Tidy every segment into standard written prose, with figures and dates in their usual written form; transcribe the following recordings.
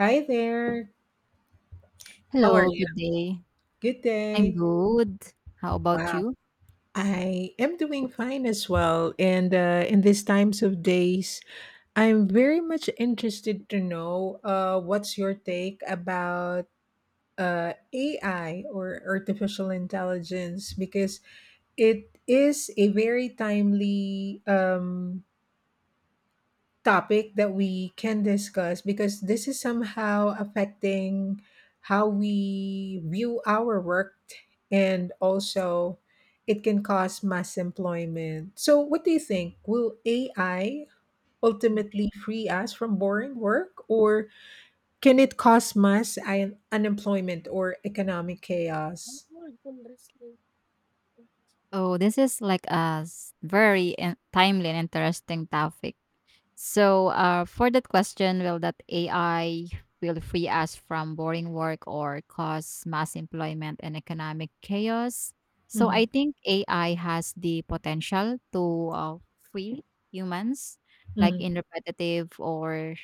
Hi there. How are Hello, you? good day. Good I'm day. good. How about Wow. you? I am doing fine as well. And in these times of days, I'm very much interested to know what's your take about AI or artificial intelligence because it is a very timely topic that we can discuss because this is somehow affecting how we view our work and also it can cause mass employment. So, what do you think? Will AI ultimately free us from boring work or can it cause unemployment or economic chaos? Oh, this is like a timely and interesting topic. For that question, will that AI will free us from boring work or cause mass employment and economic chaos? So, I Mhm, think AI has the potential to free humans, like mhm, in repetitive or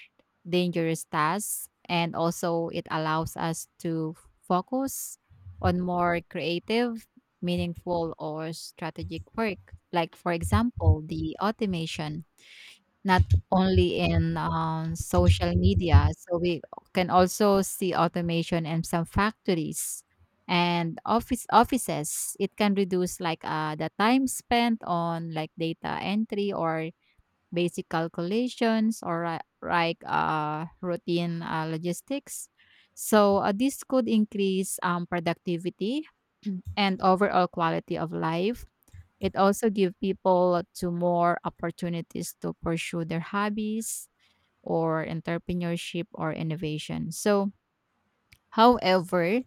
dangerous tasks, and also it allows us to focus on more creative, meaningful, or strategic work. Like, for example, the automation not only in social media. So we can also see automation in some factories and offices. It can reduce the time spent on like data entry or basic calculations or routine logistics. This could increase productivity and overall quality of life. It also give people to more opportunities to pursue their hobbies or entrepreneurship or innovation. So, however,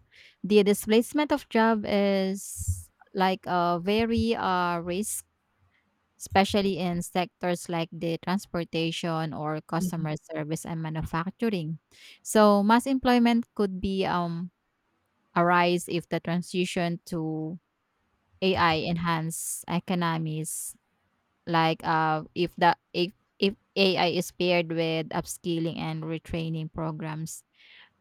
the displacement of job is like a very risk, especially in sectors like the transportation or mhm, customer service and manufacturing. So, mass employment could be arise if the transition to AI enhance economies like if the if AI is paired with upskilling and retraining programs.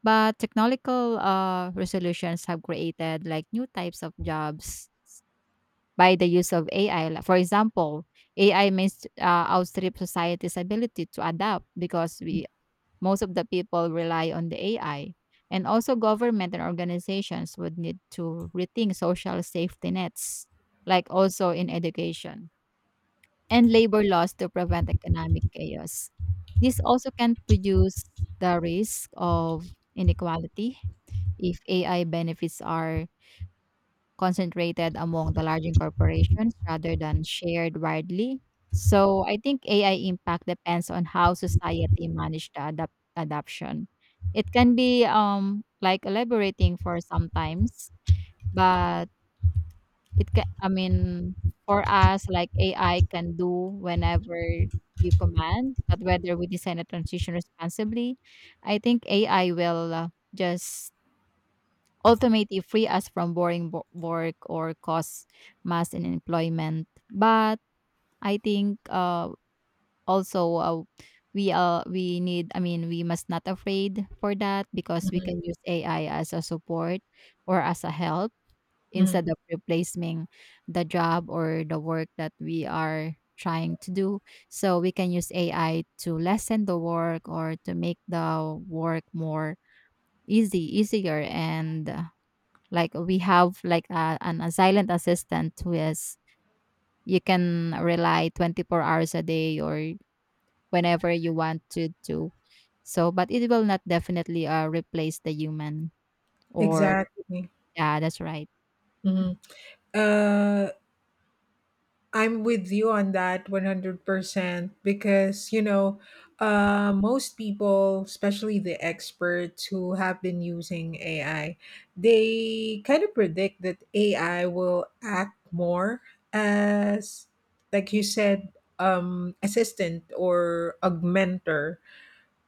But technological resolutions have created like new types of jobs by the use of AI. Like, for example, AI may outstrip society's ability to adapt because we most of the people rely on the AI. And also, government and organizations would need to rethink social safety nets, like also in education and labor laws to prevent economic chaos. This also can produce the risk of inequality if AI benefits are concentrated among the larger corporations rather than shared widely. So I think AI impact depends on how society manage the adoption. It can be like elaborating for sometimes, but it can. I mean, for us, like, AI can do whenever you command, but whether we design a transition responsibly, I think AI will, just ultimately free us from boring wo work or cause mass unemployment. But I think, also, we need I mean, we must not afraid for that because we mhm, can use AI as a support or as a help mhm. instead of replacing the job or the work that we are trying to do. So we can use AI to lessen the work or to make the work more easier. And like we have a silent assistant who is you can rely 24 hours a day or whenever you want to do. So, but it will not definitely replace the human or Exactly. yeah, that's right. Mhm. Uh, I'm with you on that 100% because, you know, most people, especially the experts who have been using AI, they kind of predict that AI will act more as, like you said, assistant or augmenter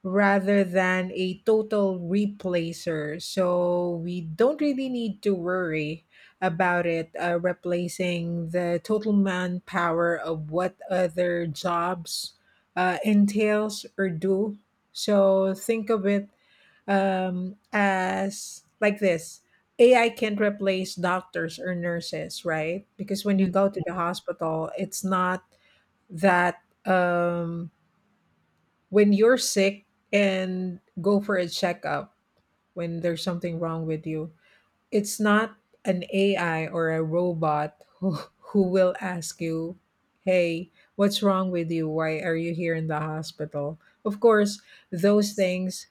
rather than a total replacer. So we don't really need to worry about it replacing the total manpower of what other jobs entails or do. So think of it as like this. AI can't replace doctors or nurses, right? Because when you Mhm. go to the hospital, it's not that when you're sick and go for a checkup when there's something wrong with you, it's not an AI or a robot who will ask you, hey, what's wrong with you? Why are you here in the hospital? Of course, those Yes, things,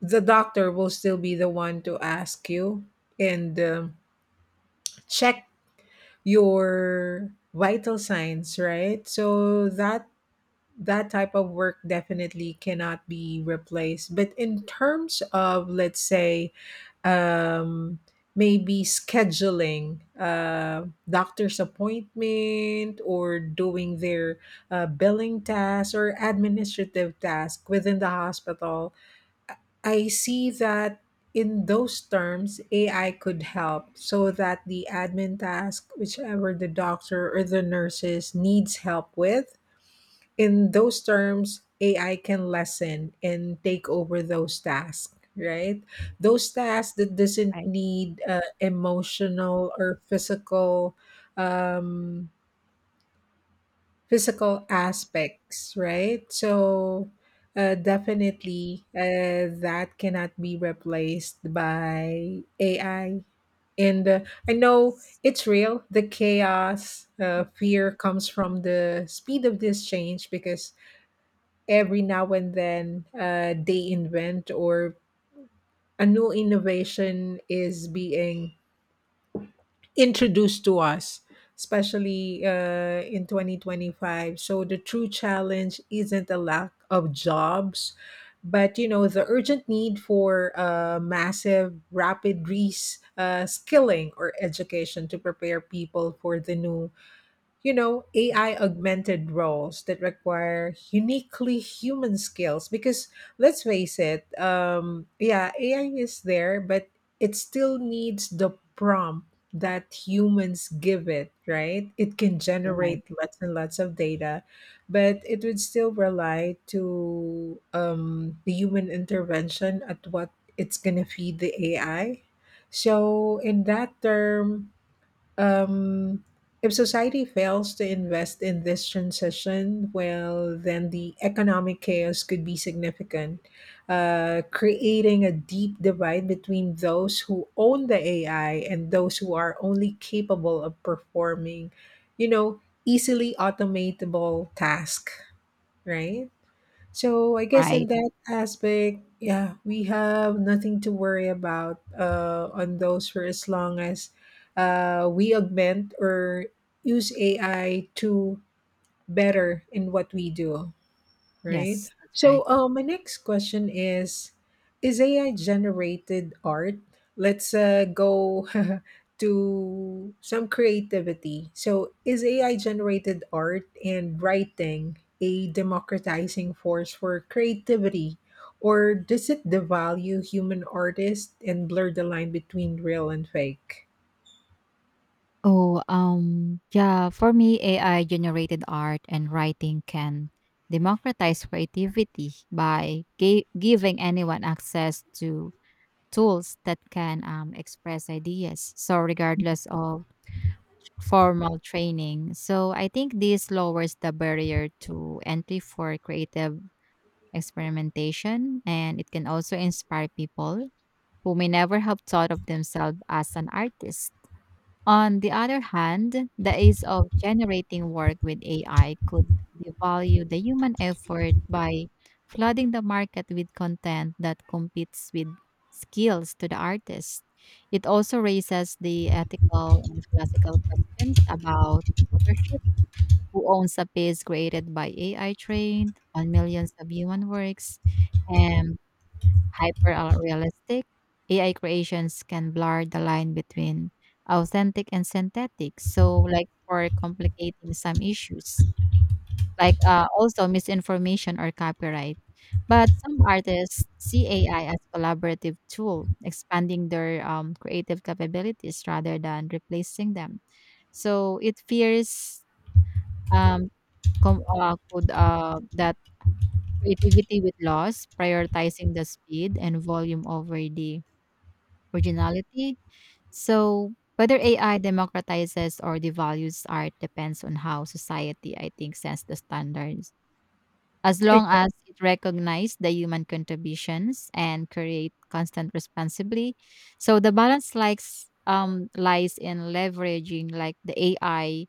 the doctor will still be the one to ask you and check your vital signs, right? So that type of work definitely cannot be replaced. But in terms of, let's say, um, maybe scheduling doctor's appointment or doing their billing task or administrative task within the hospital, I see that in those terms, AI could help so that the admin task, whichever the doctor or the nurses needs help with, in those terms, AI can lessen and take over those tasks, right? Those tasks that doesn't right. need emotional or physical um, physical aspects, right? So definitely that cannot be replaced by AI. And I know it's real. The chaos, fear comes from the speed of this change because every now and then they invent or a new innovation is being introduced to us especially in 2025, so the true challenge isn't a lack of jobs but, you know, the urgent need for massive rapid reskilling skilling or education to prepare people for the new, you know, AI augmented roles that require uniquely human skills. Because let's face it, yeah, AI is there, but it still needs the prompt that humans give it, right? It can You're right. generate lots and lots of data, but it would still rely to the human intervention at what it's going to feed the AI. So, in that term, um, if society fails to invest in this transition, well, then the economic chaos could be significant, creating a deep divide between those who own the AI and those who are only capable of performing, you know, easily automatable tasks, right? So I guess in Right. that aspect, yeah, we have nothing to worry about on those for as long as we augment or use AI to better in what we do. Right. Yes, that's So, right. My next question is AI generated art? Let's go to some creativity. So, is AI generated art and writing a democratizing force for creativity? Or does it devalue human artists and blur the line between real and fake? Oh, yeah, for me, AI generated art and writing can democratize creativity by giving anyone access to tools that can express ideas. So, regardless of formal training, so I think this lowers the barrier to entry for creative experimentation and it can also inspire people who may never have thought of themselves as an artist. On the other hand, the ease of generating work with AI could devalue the human effort by flooding the market with content that competes with skills to the artist. It also raises the ethical and philosophical questions about authorship, who owns a piece created by AI trained on millions of human works, and hyper realistic, AI creations can blur the line between authentic and synthetic. So, like for complicating some issues, like also misinformation or copyright. But some artists see AI as collaborative tool, expanding their creative capabilities rather than replacing them. So it fears um, that creativity with loss, prioritizing the speed and volume over the originality. So whether AI democratizes or devalues art depends on how society, I think, sets the standards. As long Exactly. as it recognizes the human contributions and create constant responsibly. So the balance likes lies in leveraging like the AI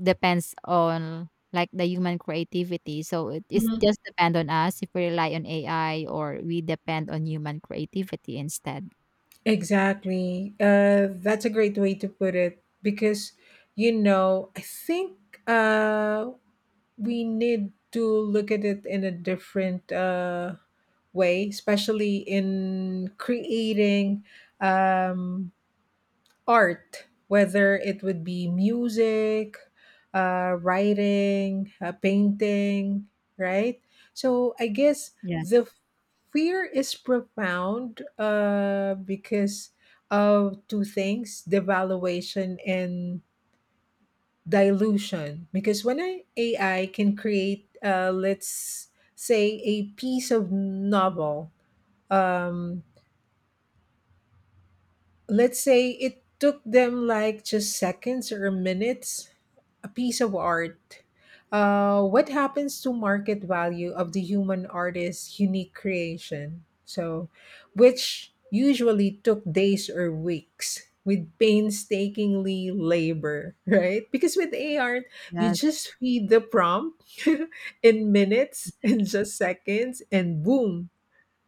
depends on like the human creativity. So it is just depend on us if we rely on AI or we depend on human creativity instead. Exactly. That's a great way to put it because, you know, I think uh, we need to look at it in a different way, especially in creating um, art, whether it would be music, writing, painting, right? So I guess the Yes. fear is profound because of two things: devaluation and dilution. Because when an AI can create, let's say, a piece of novel, um, let's say it took them like just seconds or minutes, a piece of art, what happens to market value of the human artist's unique creation, so which usually took days or weeks with painstakingly labor right? Because with a art, you Yes. just feed the prompt in minutes and just seconds and boom,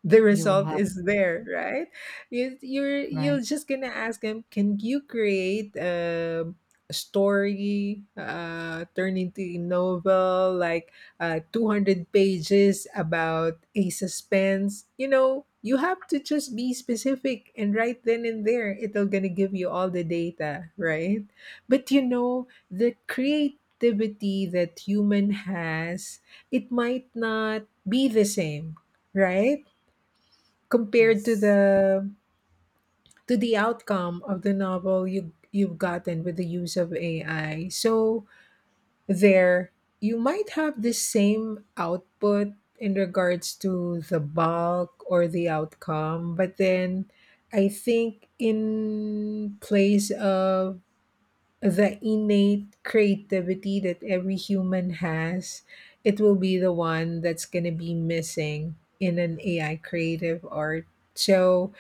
the You result have is there, right? you you're right. you're just gonna ask them, can you create a story turn into a novel like 200 pages about a suspense, you know, you have to just be specific and right then and there it'll gonna give you all the data, right? But you know, the creativity that human has, it might not be the same, right, compared Yes. To the outcome of the novel you've gotten with the use of AI. So there you might have the same output in regards to the bulk or the outcome, but then I think in place of the innate creativity that every human has, it will be the one that's going to be missing in an AI creative art. So,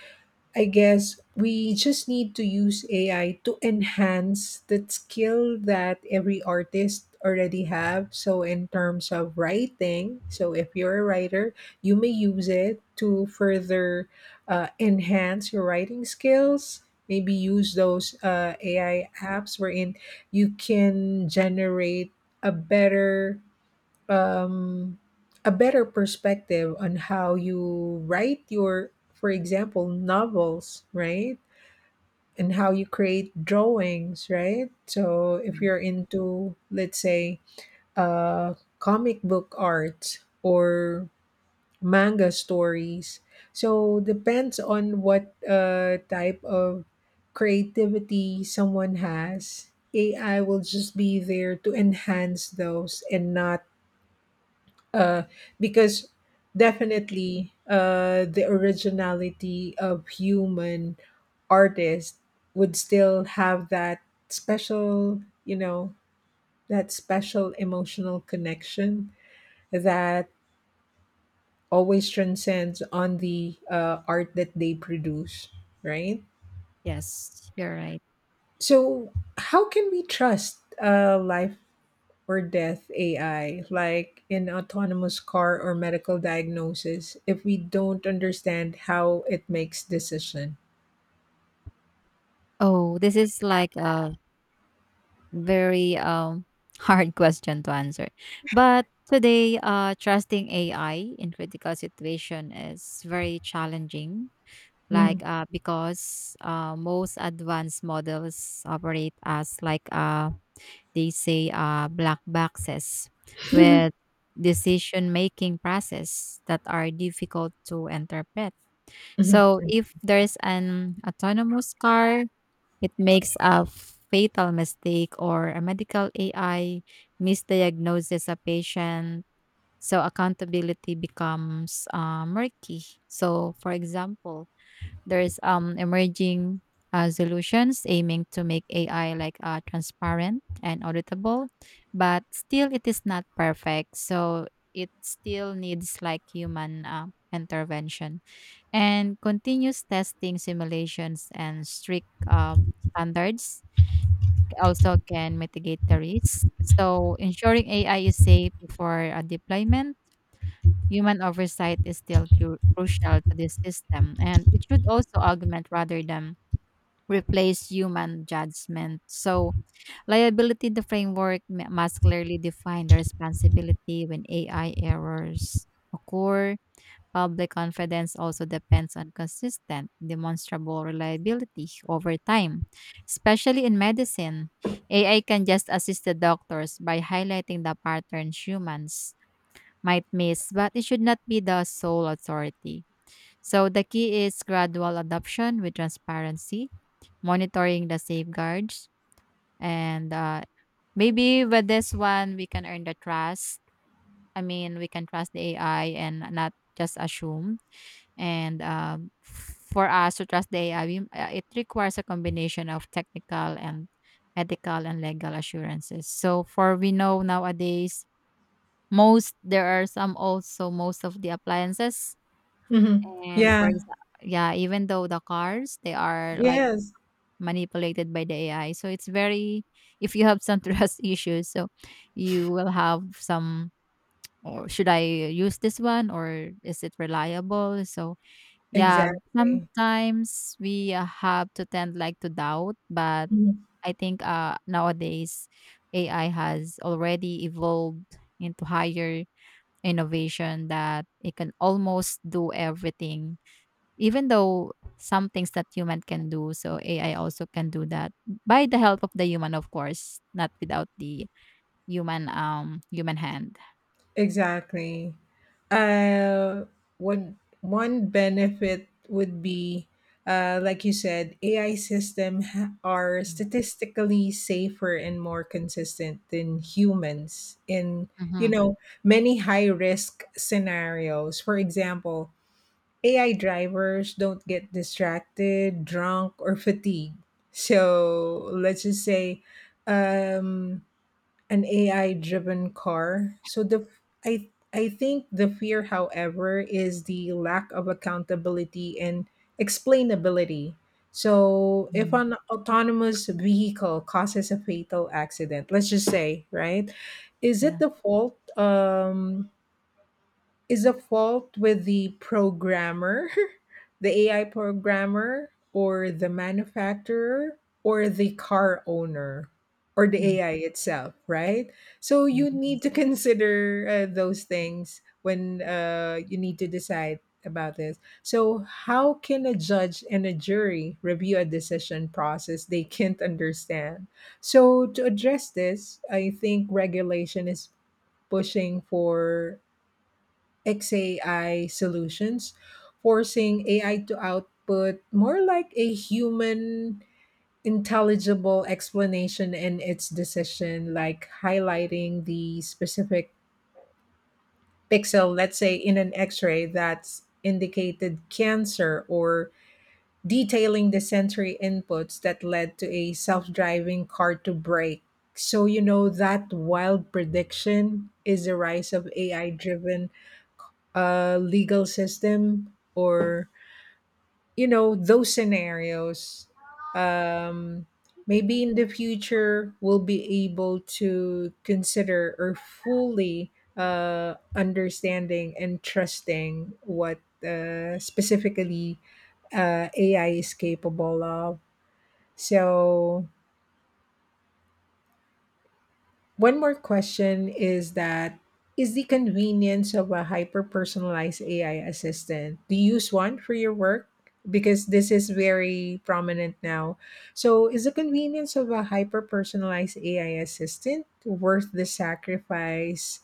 I guess we just need to use AI to enhance the skill that every artist already have. So in terms of writing, so if you're a writer, you may use it to further enhance your writing skills. Maybe use those AI apps wherein you can generate a better um, a better perspective on how you write your, for example, novels, right? And how you create drawings, right? So if Right. you're into, let's say, comic book art or manga stories, so depends on what type of creativity someone has. AI will just be there to enhance those and not uh, because Mm. definitely the originality of human artist would still have that special, you know, that special emotional connection that always transcends on the art that they produce, right? Yes. You're right. So how can we trust life or death AI, like in autonomous car or medical diagnosis, if we don't understand how it makes decision. Oh, this is like a. Very hard question to answer. But today, trusting AI in critical situation is very challenging. Mhm. Because most advanced models operate as they say black boxes with decision making process that are difficult to interpret. Mhm. So if there's an autonomous car it makes a fatal mistake or a medical AI misdiagnoses a patient. So accountability becomes murky. So, for example, there's emerging solutions aiming to make AI like transparent and auditable, but still it is not perfect. So it still needs like human intervention and continuous testing simulations and strict standards also can mitigate the risks. So, ensuring AI is safe before a deployment, human oversight is still crucial to this system, and it should also augment rather than replace human judgment. So, liability the framework must clearly define the responsibility when AI errors occur. Public confidence also depends on consistent, demonstrable reliability over time, especially in medicine. AI can just assist the doctors by highlighting the patterns humans might miss, but it should not be the sole authority. So the key is gradual adoption with transparency, monitoring the safeguards, and maybe with this one we can earn the trust. I mean, we can trust the AI and not just assume. And for us to trust the AI, it requires a combination of technical and ethical and legal assurances. So, for we know nowadays, most there are some also most of the appliances. Mhm. And for Yeah. example, yeah, even though the cars, they are like Yes. manipulated by the AI. So, it's very, if you have some trust issues, so you will have some or should I use this one or is it reliable? So yeah, Exactly. sometimes we have to tend like to doubt, but Mm-hmm. I think nowadays AI has already evolved into higher innovation that it can almost do everything. Even though some things that human can do, so AI also can do that by the help of the human, of course, not without the human hand. Exactly. Uh, one benefit would be, like you said, are statistically safer and more consistent than humans in, you Mm-hmm. know, many high risk scenarios. For example, AI drivers don't get distracted, drunk, or fatigued. So let's just say, Um, an AI driven car. So the I think the fear, however, is the lack of accountability and explainability. So if an autonomous vehicle causes a fatal accident, let's just say, right? Is it Yeah. the fault? Is the fault with the programmer, the AI programmer, or the manufacturer, or the car owner, or the Mm. AI itself, right? So you need to Yes. consider those things when you need to decide about this. So, how can a judge and a jury review a decision process they can't understand? So, to address this, I think regulation is pushing for XAI solutions, forcing AI to output more like a human intelligible explanation in its decision, like highlighting the specific pixel, let's say, in an x ray that's indicated cancer or detailing the sensory inputs that led to a self driving car to brake. So, you know, that wild prediction is the rise of AI driven legal system or, you know, those scenarios, um, maybe in the future we'll be able to consider or fully understanding and trusting what specifically ai is capable of. So one more question is that, is the convenience of a hyper personalized AI assistant. Do you use one for your work? Because this is very prominent now. So, is the convenience of a hyper personalized AI assistant worth the sacrifice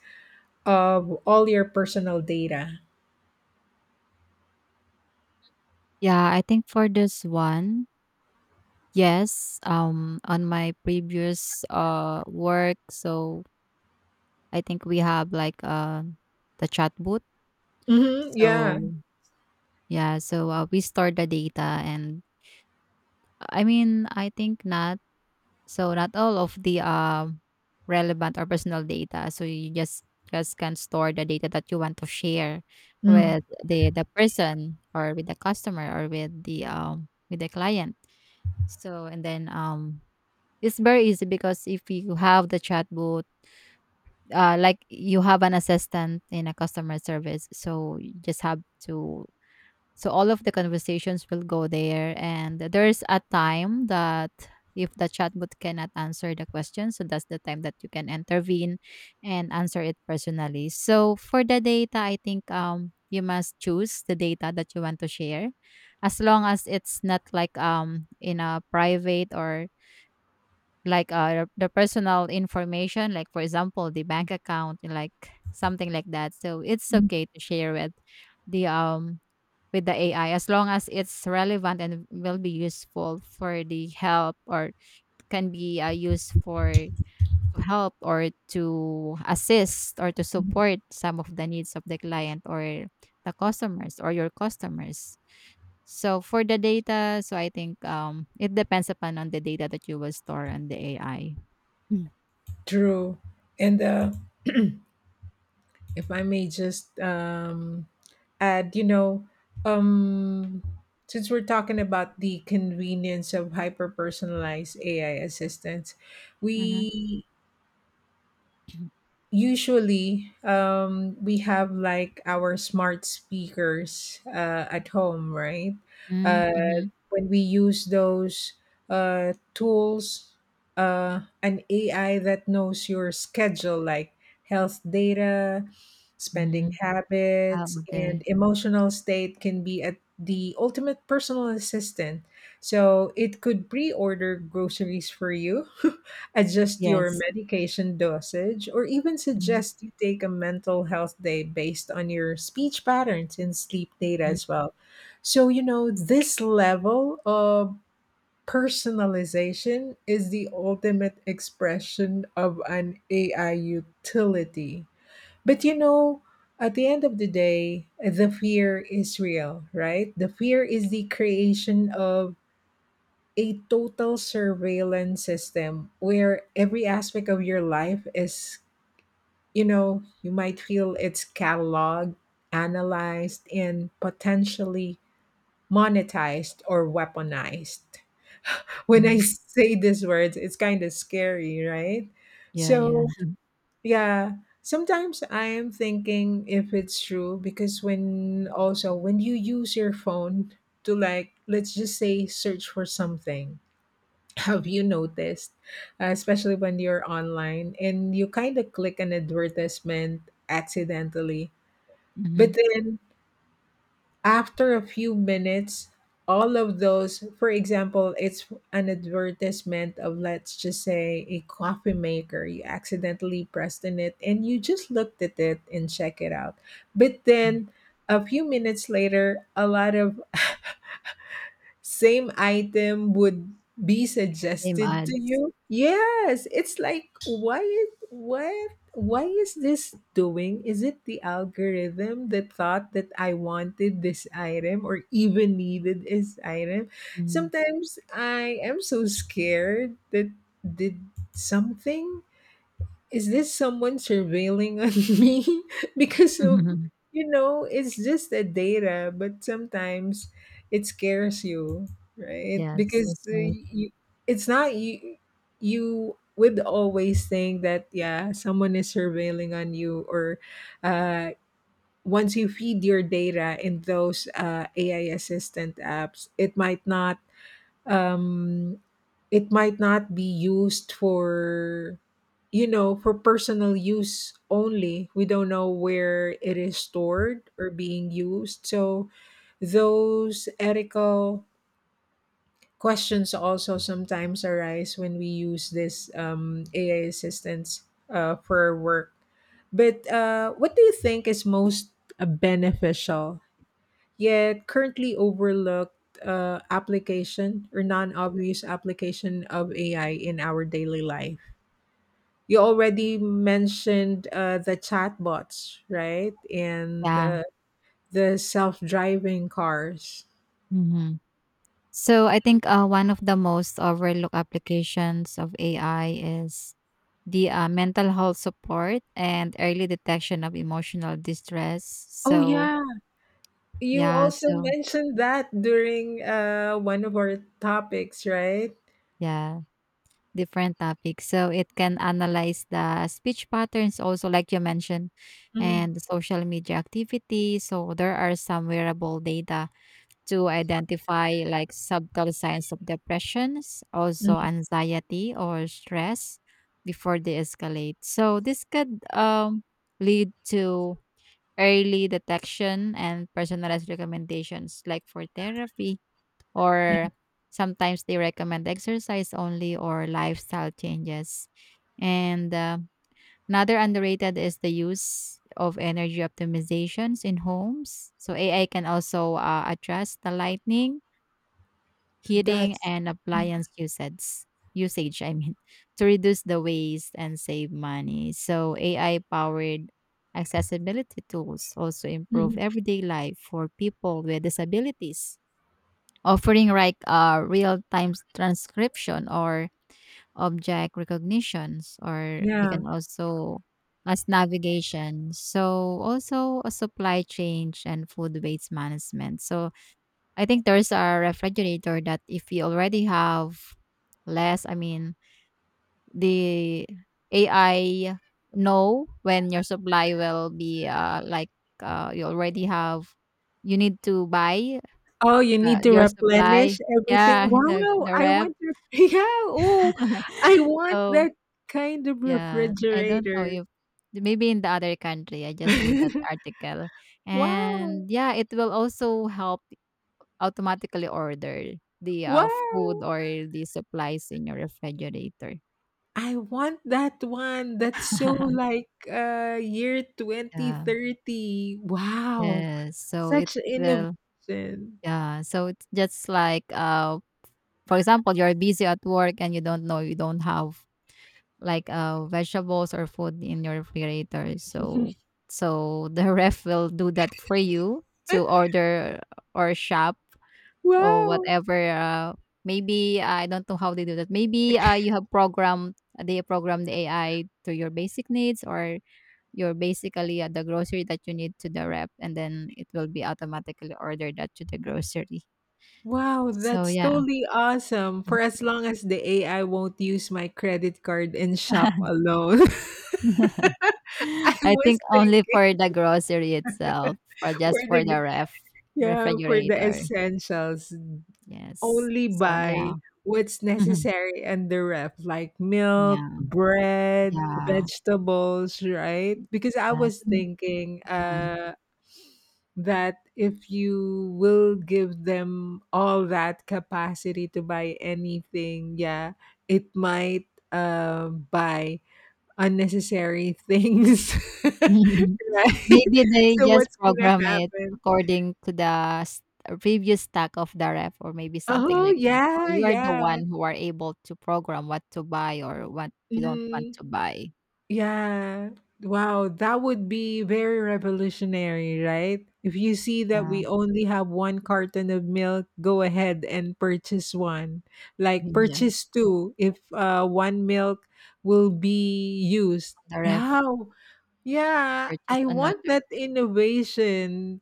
of all your personal data? Yeah, I think for this one, yes, on my previous work, so I think we have like the chat booth. Mm-hmm, yeah. So yeah, so we store the data, and I mean, I think not all of the relevant or personal data. So you just can store the data that you want to share with Mm, the person or with the customer or with the client. So and then it's very easy because if you have the chatbot, like you have an assistant in a customer service, so you just have to. So all of the conversations will go there, and there's a time that if the chatbot cannot answer the question, so that's the time that you can intervene and answer it personally. So for the data, I think you must choose the data that you want to share, as long as it's not like in a private or like the personal information like for example the bank account like something like that so it's mm, okay to share the um with the AI as long as it's relevant and will be useful for the help or can be used for to help or to assist or to mhm. support some of the needs of the client or the customers or your customers. So for the data, so I think it depends upon on the data that you will store on the AI. True. And if I may just And you know, um, since we're talking about the convenience of hyper personalized AI assistants, Mhm. we usually we have like our smart speakers at home, right? Mm, uh, mhm, when we use those tools, an ai that knows your schedule, like health data, spending mhm. Ah, habits and okay. emotional state can be at the ultimate personal assistant, so it could pre-order groceries for you adjust your Yes. medication dosage, or even Mhm, suggest you take a mental health day based on your speech patterns and sleep data mhm, as well. So, you know, this level of personalization is the ultimate expression of an AI utility. But, you know, at the end of the day, the fear is real, right? The fear is the creation of a total surveillance system where every aspect of your life is, you know, you might feel it's cataloged, analyzed, and potentially monetized or weaponized. When I mhm. say these words, it's kind of scary, right? Yeah, yeah. So, yeah. Sometimes I am thinking if it's true because when also when you use your phone to, like, let's just say search for something, have you noticed, especially when you're online and you kind of click an advertisement accidentally? But Mhm, then after a few minutes, all of those, for example, it's an advertisement of, let's just say, a coffee maker. You accidentally pressed in it and you just looked at it and check it out. But mm. then a few minutes later, a lot of same item would be Same suggested to ads. you. Yes, it's like, why is— what, why is this doing? Is it the algorithm that thought that I wanted this item or even needed this item? Mhm. Sometimes I am so scared that, did something— is this someone surveilling on me because of, it's just a data, but sometimes it scares you, right? Yes, Because that's right. you— it's not you. You would always think that yeah, someone is surveilling on you, or uh once you feed your data in those AI assistant apps, it might not— um, it might not be used for, for personal use only. We don't know where it is stored or being used. So those ethical questions also sometimes arise when we use this ai assistance for our work. But what do you think is most beneficial yet currently overlooked application or non-obvious application of AI in our daily life? You already mentioned the chatbots, right? And Yeah. The self-driving cars. Mhm. So I think, one of the most overlooked applications of AI is the, mental health support and early detection of emotional distress. Oh, So, yeah. You yeah, also so mentioned that during one of our topics, right? yeah. Different topics. So it can analyze the speech patterns also, like you mentioned, and the Hmm. social media activity. So there are some wearable data to identify like subtle signs of depressions, also anxiety or stress before they escalate. So this could lead to early detection and personalized recommendations like for therapy or sometimes they recommend exercise only or lifestyle changes. And another underrated is the use of energy optimizations in homes. So AI can also adjust the lighting, heating, That's— and appliance usage. Usage, I mean, to reduce the waste and save money. So AI powered accessibility tools also improve mhm. everyday life for people with disabilities offering like real-time transcription or object recognitions or we Yeah. can also as navigation. So also a supply chain and food waste management. So I think there's a refrigerator that if you already have less I mean the AI know when your supply will be you already have you need to buy Oh, you need to your supply. replenish everything. Yeah, the Wow, I rep. want your yeah. Oh, I want So that kind of yeah, I don't know refrigerator. if maybe in the other country. I just read that article, Wow. and yeah, it will also help automatically order the food Wow. or the supplies in your refrigerator. I want that one. That's so like year Yeah. 2030. Wow. Yes. So it Such will. innovation. Yeah. So it's just like for example, you're busy at work and you don't know you don't have like vegetables or food in your refrigerator so so the ref will do that for you to order or shop or Wow. whatever maybe I don't know how they do that maybe you have programmed they program the AI to your basic needs or you're basically at the grocery that you need to the rep and then it will be automatically ordered that to the grocery Wow, so that's yeah. totally awesome. For as long as the AI won't use my credit card and shop alone. I I was think only thinking for the grocery itself, or for just for the— the ref yeah, for the refrigerator. essentials, Yes. only So yeah. buy what's Mhm. necessary and the ref, like milk, Yeah. bread, Yeah. vegetables, right? Because I Yeah. was So, thinking mhm. That if you will give them all that capacity to buy anything, yeah, it might buy unnecessary things, right? Maybe they So just what's gonna program it happen? according to the previous stack of the ref or maybe something Oh like that. Or yeah, you are the yeah. one who are able to program what to buy or what you don't want Mhm. to buy. Yeah. Wow, that would be very revolutionary, right? If you see that Yeah. we only have one carton of milk, go ahead and purchase one. Like Yeah. purchase two if one milk will be used. The ref How? Yeah, purchase I want another. that innovation.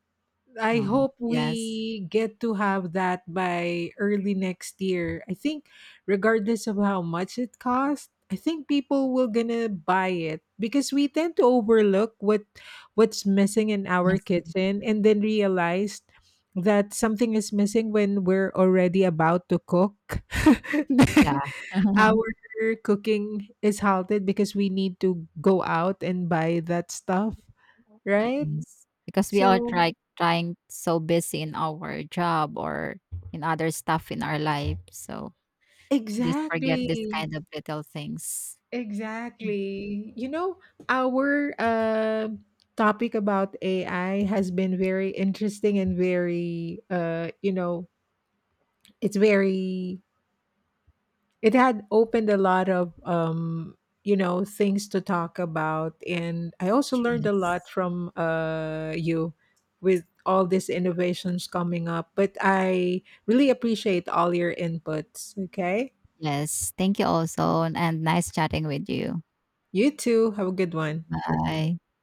I Wow. hope Yes. we get to have that by early next year. I think regardless of how much it costs, I think people will gonna buy it because we tend to overlook what's missing in our Missing. kitchen and then realize that something is missing when we're already about to cook. Then Yeah. our cooking is halted because we need to go out and buy that stuff, right? Yes, because we are So— trying so busy in our job or in other stuff in our life, so just forget this exactly. kind of little things. Mm. Exactly. You know, our topic about AI has been very interesting and very, you know, it's very— it had opened a lot of, you know, things to talk about. And I also learned a lot Yes. from you with all these innovations coming up. But I really appreciate all your inputs. Okay. Yes, thank you also, and nice chatting with you. You too. Have a good one. Bye.